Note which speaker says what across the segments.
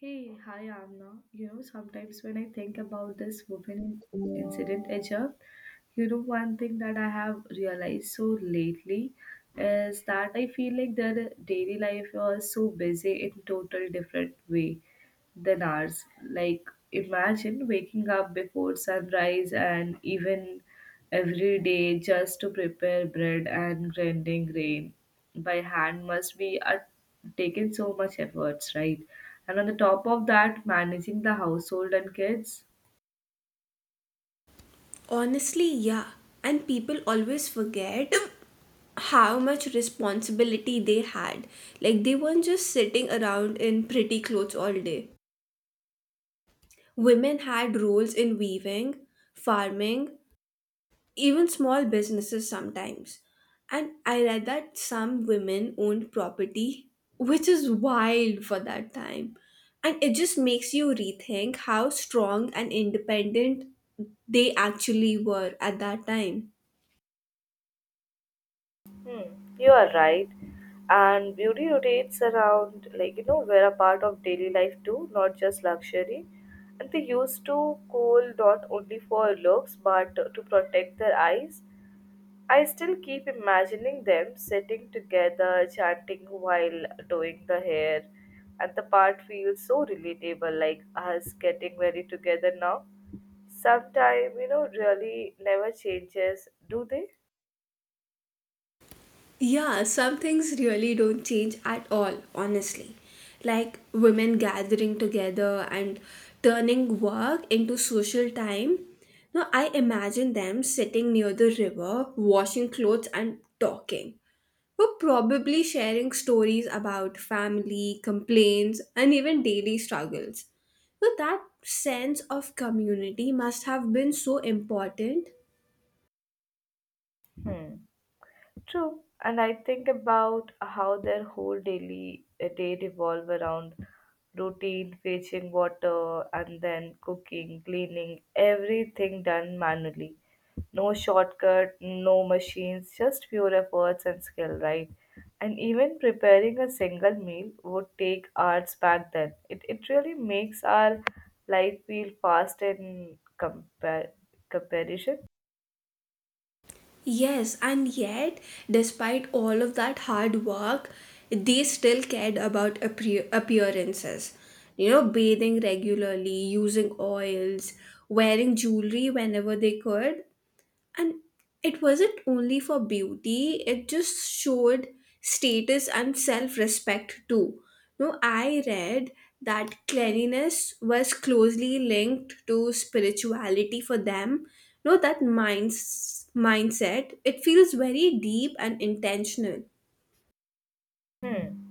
Speaker 1: Hey, hi Amna. You know, sometimes when I think about this incident, Aja, you know, one thing that I have realized so lately is that I feel like their daily life was so busy in total different way than ours. Like, imagine waking up before sunrise and even every day just to prepare bread and grinding grain by hand must be taken so much efforts, right? And on the top of that, managing the household and kids.
Speaker 2: Honestly, yeah. And people always forget how much responsibility they had. Like, they weren't just sitting around in pretty clothes all day. Women had roles in weaving, farming, even small businesses sometimes. And I read that some women owned property, which is wild for that time. And it just makes you rethink how strong and independent they actually were at that time.
Speaker 1: Hmm, you are right. And beauty rotates around, like, you know, we're a part of daily life too, not just luxury. And they used to coal not only for looks but to protect their eyes. I still keep imagining them sitting together, chanting while doing the hair, and the part feels so relatable, like us getting very together now. Sometime, you know, really never changes, do they?
Speaker 2: Yeah, some things really don't change at all, honestly. Like women gathering together and turning work into social time. Now, I imagine them sitting near the river, washing clothes and talking. Or probably sharing stories about family, complaints, and even daily struggles. So, that sense of community must have been so important.
Speaker 1: Hmm. True, and I think about how their whole daily day revolve around routine, fetching water, and then cooking, cleaning, everything done manually. No shortcut, no machines, just pure efforts and skill, right? And even preparing a single meal would take hours back then. It really makes our life feel comparison.
Speaker 2: Yes, and yet, despite all of that hard work, they still cared about appearances. You know, bathing regularly, using oils, wearing jewelry whenever they could, and it wasn't only for beauty, it just showed status and self respect too. No, I read that cleanliness was closely linked to spirituality for them. No, that mindset, it feels very deep and intentional.
Speaker 1: Hmm.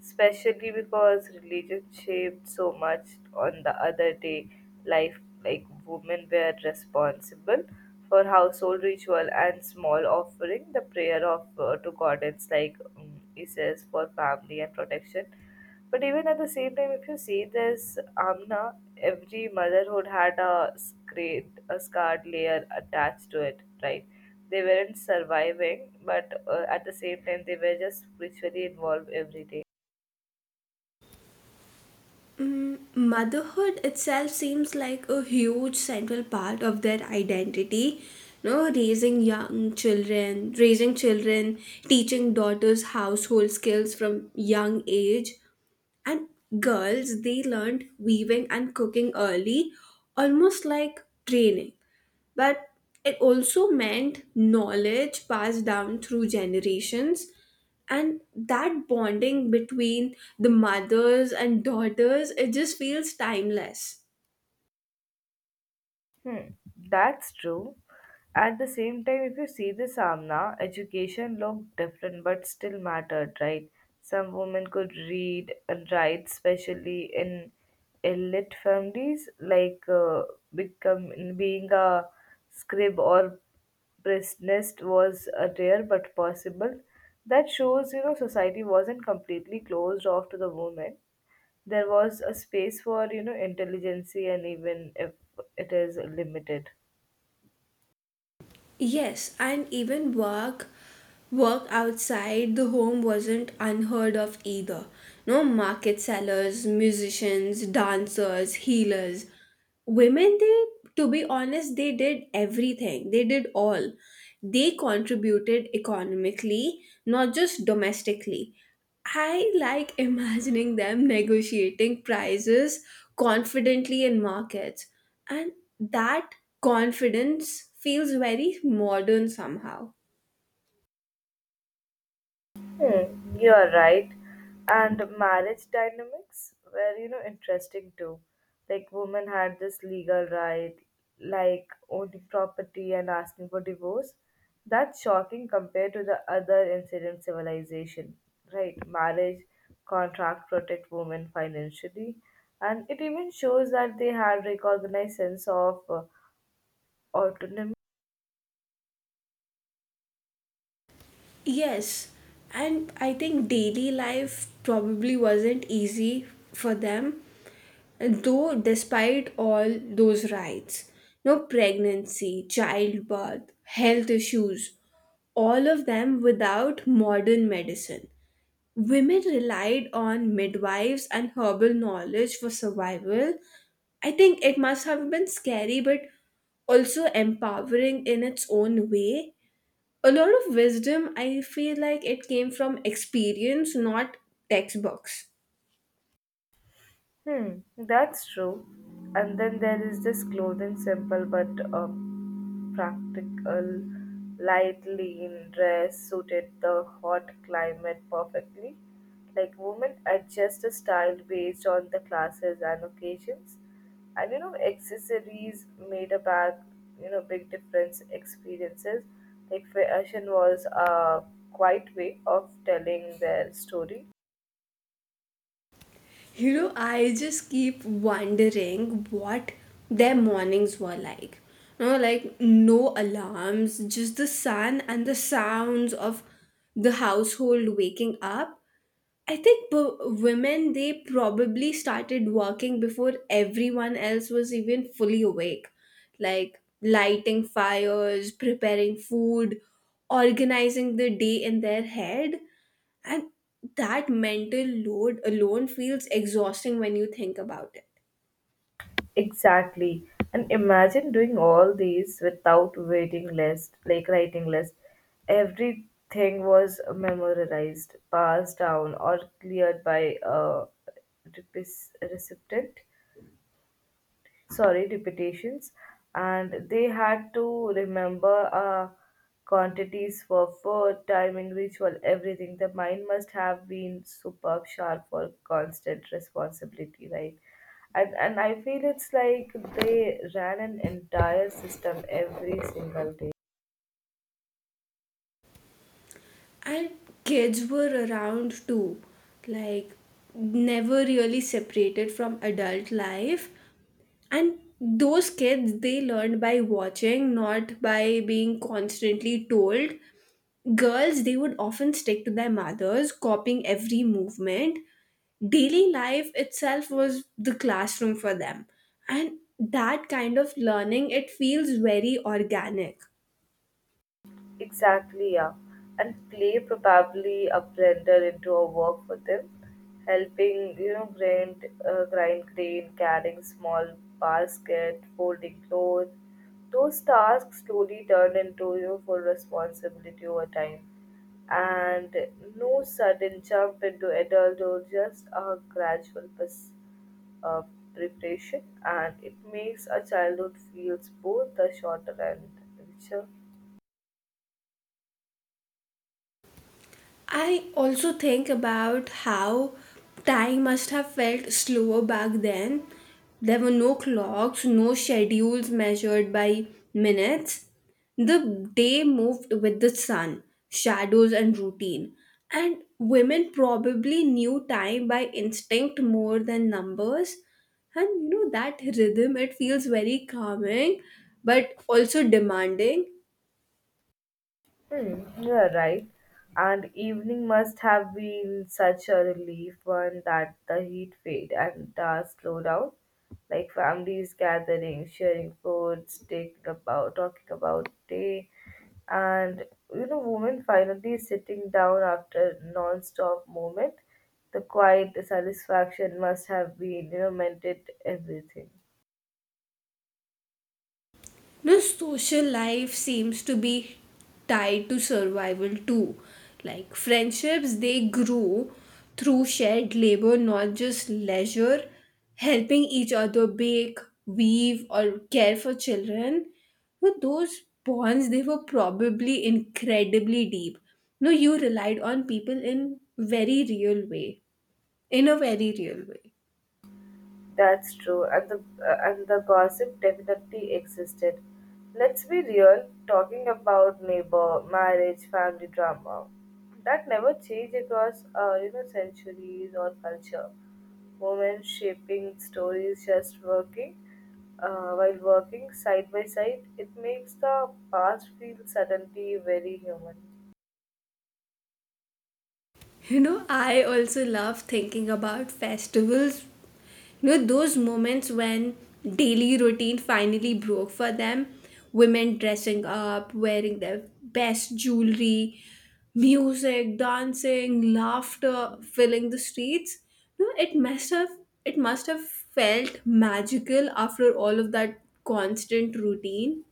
Speaker 1: Especially because religion shaped so much on the other day life, like women were responsible for household ritual and small offering, the prayer of to goddess like Isis for family and protection, but even at the same time, if you see this, Amna, every motherhood had a scarred layer attached to it, right? They weren't surviving, but at the same time, they were just spiritually involved every day.
Speaker 2: Motherhood itself seems like a huge central part of their identity. No, raising children, teaching daughters household skills from young age, and girls, they learned weaving and cooking early, almost like training, but it also meant knowledge passed down through generations. And that bonding between the mothers and daughters, it just feels timeless.
Speaker 1: Hmm, that's true. At the same time, if you see the Samna, education looked different but still mattered, right? Some women could read and write, especially in elite families, like become, being a scribe or priestess was rare but possible. That shows, you know, society wasn't completely closed off to the women, there was a space for, you know, intelligentsia, and even if it is limited.
Speaker 2: Yes, and even work outside the home wasn't unheard of either. No, market sellers, musicians, dancers, healers. Women, they, to be honest, they did everything. They did all. They contributed economically, not just domestically. I like imagining them negotiating prices confidently in markets. And that confidence feels very modern somehow.
Speaker 1: Hmm, you're right. And marriage dynamics were, you know, interesting too. Like women had this legal right, like owning property and asking for divorce. That's shocking compared to the other ancient civilization, right? Marriage contract protect women financially, and it even shows that they had recognized sense of autonomy.
Speaker 2: Yes, and I think daily life probably wasn't easy for them, though, despite all those rights. No, pregnancy, childbirth, health issues, all of them without modern medicine. Women relied on midwives and herbal knowledge for survival. I think it must have been scary, but also empowering in its own way. A lot of wisdom, I feel like it came from experience, not textbooks.
Speaker 1: Hmm, that's true. And then there is this clothing, simple but uh, practical, light, lean dress suited the hot climate perfectly. Like women adjust the style based on the classes and occasions. And you know, accessories made a bag, you know, big difference experiences. Like fashion was a quiet way of telling their story.
Speaker 2: You know, I just keep wondering what their mornings were like. You know, like no alarms, just the sun and the sounds of the household waking up. I think women, they probably started working before everyone else was even fully awake. Like lighting fires, preparing food, organizing the day in their head. And that mental load alone feels exhausting when you think about it.
Speaker 1: Exactly. And imagine doing all these without waiting list, like writing list. Everything was memorized, passed down, or cleared by a recipient, sorry, repetitions, and they had to remember quantities for food, timing, ritual, everything. The mind must have been superb sharp for constant responsibility, right? And I feel it's like they ran an entire system every single day.
Speaker 2: And kids were around too, like never really separated from adult life. And those kids, they learned by watching, not by being constantly told. Girls, they would often stick to their mothers, copying every movement. Daily life itself was the classroom for them. And that kind of learning, it feels very organic.
Speaker 1: Exactly, yeah. And play probably a blender into a work for them, helping, you know, grind grain, carrying small basket, folding clothes. Those tasks slowly turn into, you know, full responsibility over time. And no sudden jump into adulthood, just a uh, preparation. And it makes a childhood feels both the shorter and richer.
Speaker 2: I also think about how time must have felt slower back then. There were no clocks, no schedules measured by minutes. The day moved with the sun, shadows, and routine. And women probably knew time by instinct more than numbers. And you know, that rhythm, it feels very calming but also demanding.
Speaker 1: Hmm, you're right. And evening must have been such a relief one that the heat fade and the slow down. Like families gathering, sharing foods, taking about talking about day, and you know, women finally sitting down after non-stop moment. The quiet satisfaction must have been, you know, meant it everything.
Speaker 2: The social life seems to be tied to survival too. Like friendships, they grow through shared labor, not just leisure, helping each other bake, weave, or care for children. But those bonds, they were probably incredibly deep. No, you relied on people in very real way.
Speaker 1: That's true, and the gossip definitely existed. Let's be real, talking about neighbor, marriage, family drama, that never changed across you know, centuries or culture. Women shaping stories, just working, while working side by side, it makes the past feel suddenly very human.
Speaker 2: You know, I also love thinking about festivals. You know, those moments when daily routine finally broke for them. Women dressing up, wearing their best jewelry, music, dancing, laughter filling the streets. You know, it must have felt magical after all of that constant routine.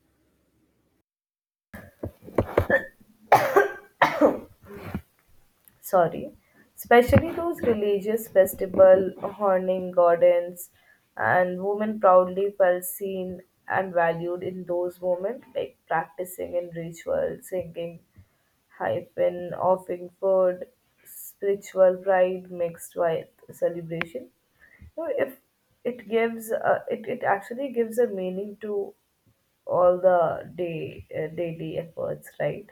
Speaker 1: Sorry, especially those religious festival honoring gardens and women proudly felt seen and valued in those moments, like practicing in ritual, singing hyphen, offering food, spiritual pride mixed with celebration. So if it gives, it actually gives a meaning to all the day daily efforts, right?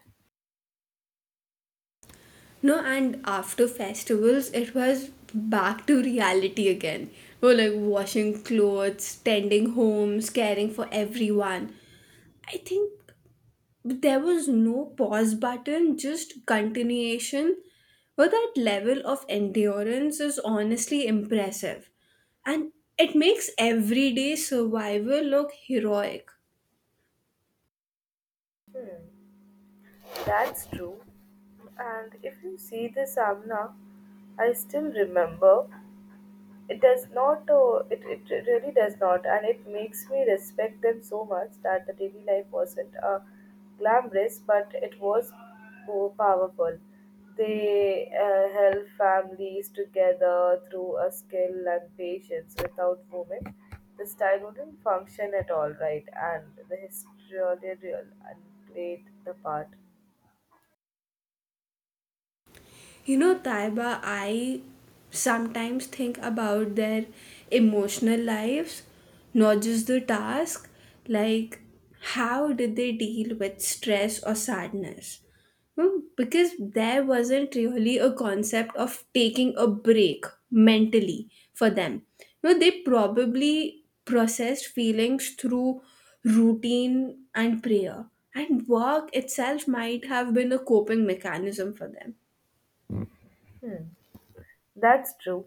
Speaker 2: No, and after festivals, it was back to reality again. We were like washing clothes, tending homes, caring for everyone. I think there was no pause button, just continuation. But that level of endurance is honestly impressive. And it makes everyday survival look heroic.
Speaker 1: Hmm. That's true. And if you see the Savna, I still remember. It does not, it really does not, and it makes me respect them so much that the daily life wasn't glamorous, but it was powerful. They held families together through a skill and patience. Without women, the style wouldn't function at all, right? And the historian really played the part.
Speaker 2: You know, Taiba, I sometimes think about their emotional lives, not just the task. Like, how did they deal with stress or sadness? Hmm. Because there wasn't really a concept of taking a break mentally for them. You know, they probably processed feelings through routine and prayer, and work itself might have been a coping mechanism for them.
Speaker 1: Hmm. That's true.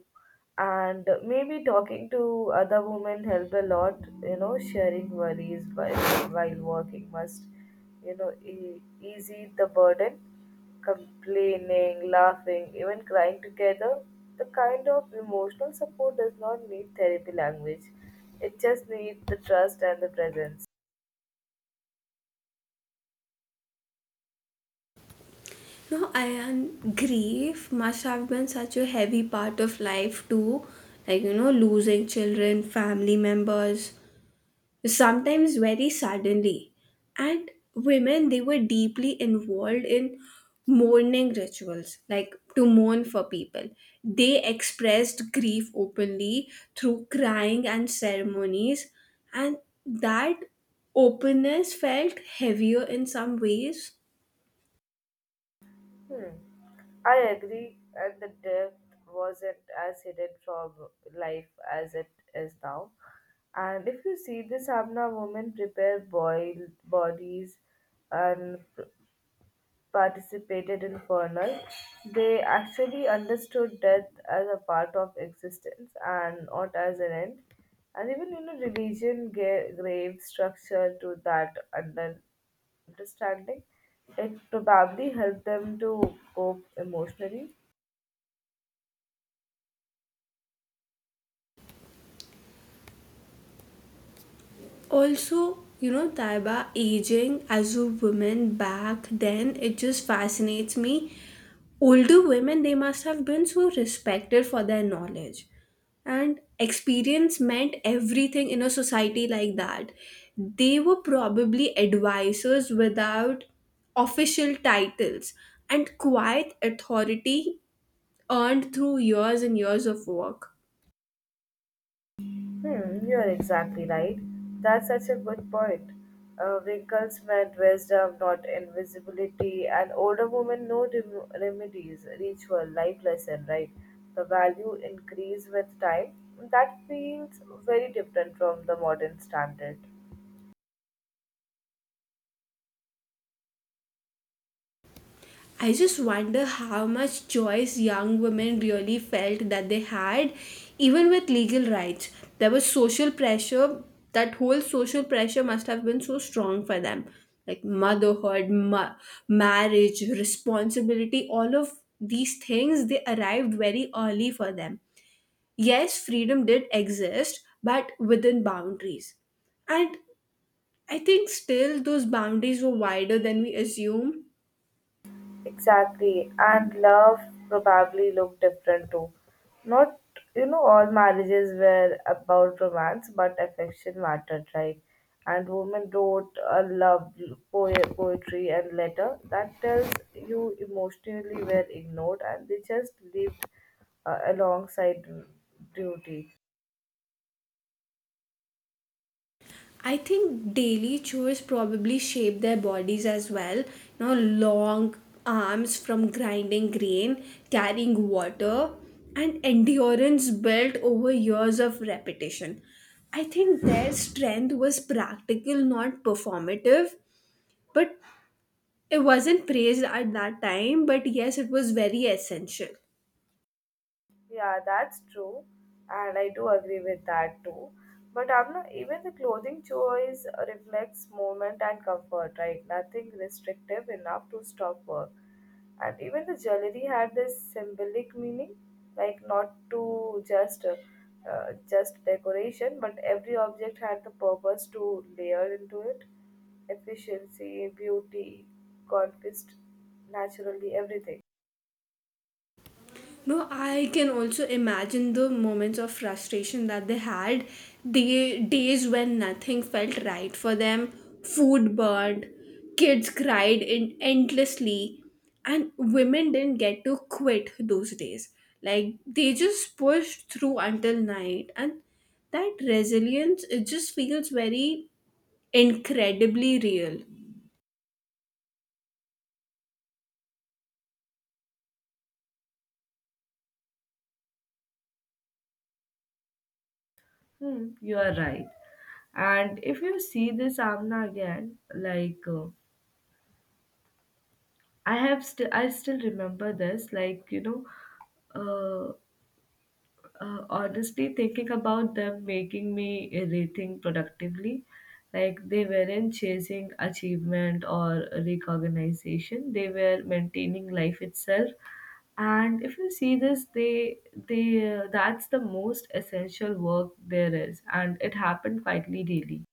Speaker 1: And maybe talking to other women help a lot, you know, sharing worries while working must, you know, easy the burden. Complaining, laughing, even crying together. The kind of emotional support does not need therapy language. It just needs the trust and the presence.
Speaker 2: No, I And grief must have been such a heavy part of life too. Like, you know, losing children, family members, sometimes very suddenly. And women, they were deeply involved in mourning rituals, like to mourn for people. They expressed grief openly through crying and ceremonies, and that openness felt heavier in some ways.
Speaker 1: Hmm. I agree, and the depth wasn't as hidden from life as it is now. And if you see this Amna, woman prepare boiled bodies and participated in funeral, they actually understood death as a part of existence and not as an end. And even you know religion gave grave structure to that understanding, it probably helped them to cope emotionally.
Speaker 2: Also, you know, Taiba, aging as a woman back then, it just fascinates me. Older women, they must have been so respected for their knowledge, and experience meant everything in a society like that. They were probably advisors without official titles, and quiet authority earned through years and years of work.
Speaker 1: Hmm, you're exactly right. That's such a good point. Wrinkles meant wisdom, not invisibility, and older women know remedies, ritual, life lesson, right? The value increase with time. That feels very different from the modern standard.
Speaker 2: I just wonder how much choice young women really felt that they had, even with legal rights. There was social pressure, that whole social pressure must have been so strong for them. Like motherhood, marriage, responsibility, all of these things, they arrived very early for them. Yes, freedom did exist, but within boundaries. And I think still those boundaries were wider than we assume.
Speaker 1: Exactly. And love probably looked different too. Not, you know, all marriages were about romance, but affection mattered, right? And women wrote a love poetry and letter that tells you emotionally were ignored and they just lived alongside duty.
Speaker 2: I think daily chores probably shape their bodies as well. You know, long arms from grinding grain, carrying water, and endurance built over years of repetition. I think their strength was practical, not performative, but it wasn't praised at that time. But yes, it was very essential.
Speaker 1: Yeah, that's true, and I do agree with that too. But I'm not even the clothing choice reflects movement and comfort, right? Nothing restrictive enough to stop work. And even the jewelry had this symbolic meaning, like not to just decoration, but every object had the purpose to layer into it, efficiency, beauty, conquest, naturally everything.
Speaker 2: No, I can also imagine the moments of frustration that they had. The days when nothing felt right for them, food burned, kids cried in endlessly, and women didn't get to quit those days. Like they just pushed through until night, and that resilience, it just feels very incredibly real.
Speaker 1: Hmm, you are right. And if you see this Amna again, like I have still, I still remember this. Like you know, uh, honestly, thinking about them making me rethink productively. Like they weren't chasing achievement or recognition; they were maintaining life itself. And if you see this, they that's the most essential work there is, and it happened quietly daily.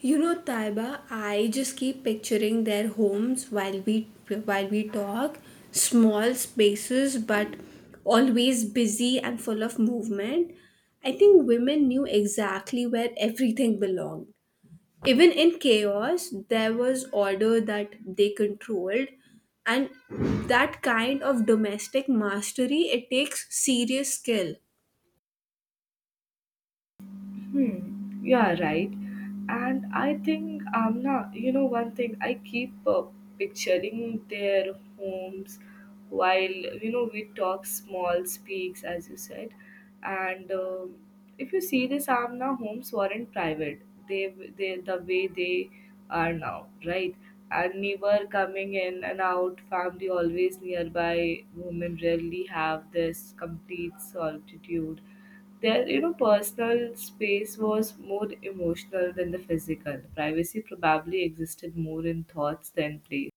Speaker 2: You know, Taiba, I just keep picturing their homes while we talk. Small spaces, but always busy and full of movement. I think women knew exactly where everything belonged. Even in chaos, there was order that they controlled, and that kind of domestic mastery, it takes serious skill.
Speaker 1: Hmm, you are right. And I think, Amna, you know, one thing, I keep picturing their homes while, you know, we talk small speaks, as you said. And if you see this, Amna, homes weren't private. The way they are now, right? And neighbor coming in and out, family always nearby. Women rarely have this complete solitude, their, you know, personal space was more emotional than the physical. Privacy probably existed more in thoughts than place.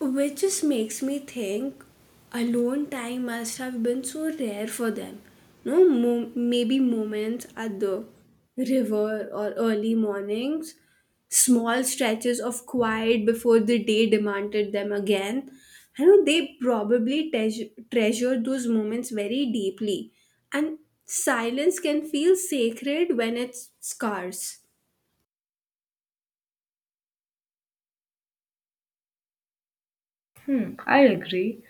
Speaker 2: Which just makes me think alone time must have been so rare for them. No, maybe moments at the river or early mornings, small stretches of quiet before the day demanded them again. I know they probably treasure those moments very deeply, and silence can feel sacred when it's scarce.
Speaker 1: Hmm, I agree.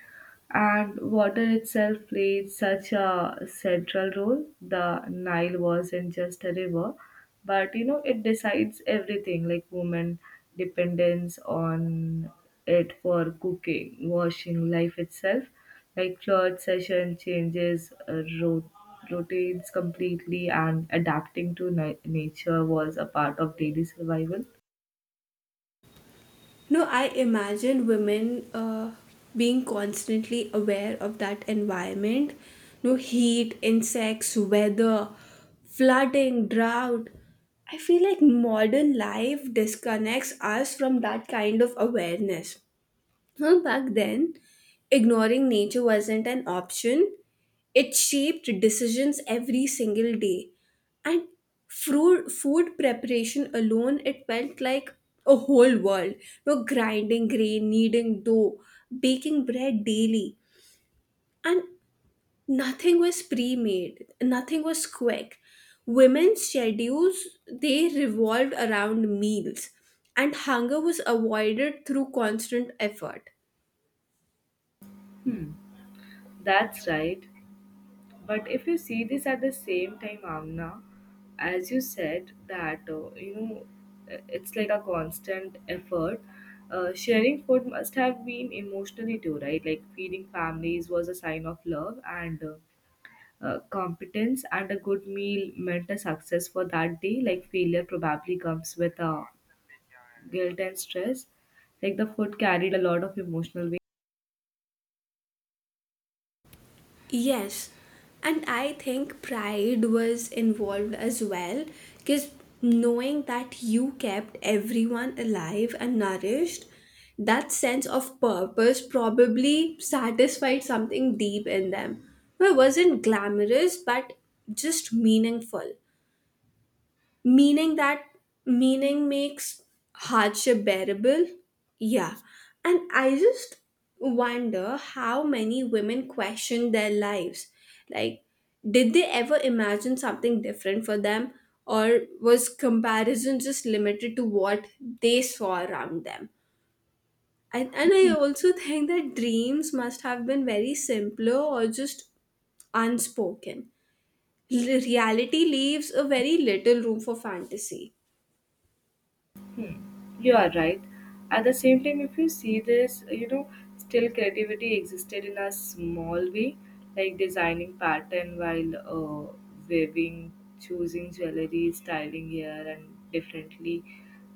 Speaker 1: And water itself played such a central role. The Nile wasn't just a river, but you know, it decides everything like women dependence on it for cooking, washing, life itself. Like flood session changes, rotates completely, and adapting to nature was a part of daily survival.
Speaker 2: No, I imagine women being constantly aware of that environment. No, heat, insects, weather, flooding, drought. I feel like modern life disconnects us from that kind of awareness. Well, back then, ignoring nature wasn't an option. It shaped decisions every single day. And food preparation alone, it felt like a whole world. No, grinding grain, kneading dough, baking bread daily. And nothing was pre-made. Nothing was quick. Women's schedules, they revolved around meals. And hunger was avoided through constant effort.
Speaker 1: Hmm, that's right. But if you see this at the same time, Amna, as you said that it's like a constant effort. Sharing food must have been emotionally too, right? Like feeding families was a sign of love and competence, and a good meal meant a success for that day. Like failure probably comes with guilt and stress. Like the food carried a lot of emotional.
Speaker 2: Yes, and I think pride was involved as well, because knowing that you kept everyone alive and nourished, that sense of purpose probably satisfied something deep in them. It wasn't glamorous but just meaningful. Meaning that meaning makes hardship bearable. Yeah. And I just wonder how many women question their lives. Like, did they ever imagine something different for them, or was comparison just limited to what they saw around them? And I also think that dreams must have been very simpler or just unspoken. Reality leaves a very little room for fantasy.
Speaker 1: Hmm. You are right. At the same time, if you see this, you know, still creativity existed in a small way, like designing pattern while weaving, choosing jewelry, styling hair, and differently.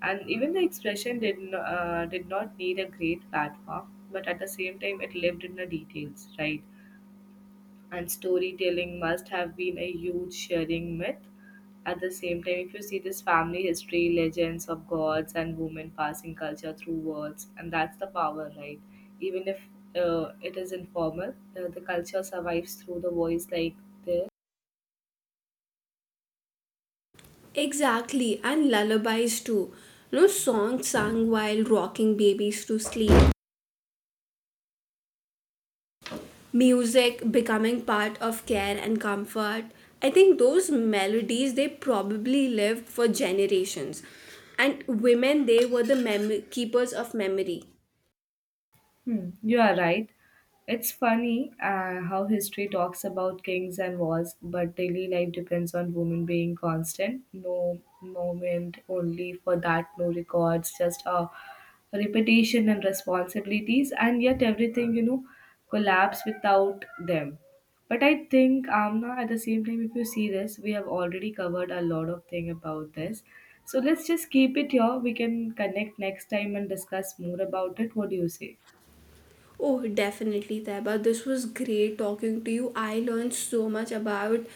Speaker 1: And even the expression did not need a great platform, but at the same time, it lived in the details, right? And storytelling must have been a huge sharing myth. At the same time, if you see this family history, legends of gods and women passing culture through words, and that's the power, right? Even if it is informal, the culture survives through the voice like this.
Speaker 2: Exactly, and lullabies too. No, songs sung while rocking babies to sleep. Music becoming part of care and comfort. I think those melodies, they probably lived for generations. And women, they were the keepers of memory.
Speaker 1: Hmm, you are right. It's funny how history talks about kings and wars, but daily life depends on women being constant. No moment only for that, no records, just a repetition and responsibilities, and yet everything, you know, collapse without them. But I think, Amna, at the same time, if you see this, we have already covered a lot of thing about this. So let's just keep it here. We can connect next time and discuss more about it. What do you say?
Speaker 2: Oh, definitely, Taiba. This was great talking to you. I learned so much about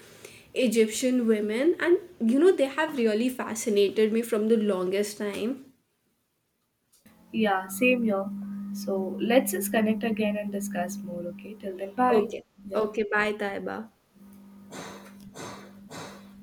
Speaker 2: Egyptian women, and you know, they have really fascinated me from the longest time.
Speaker 1: Yeah, same here. So let's just connect again and discuss more, okay? Till then, bye.
Speaker 2: Okay.
Speaker 1: Take
Speaker 2: Okay. Bye, Taiba.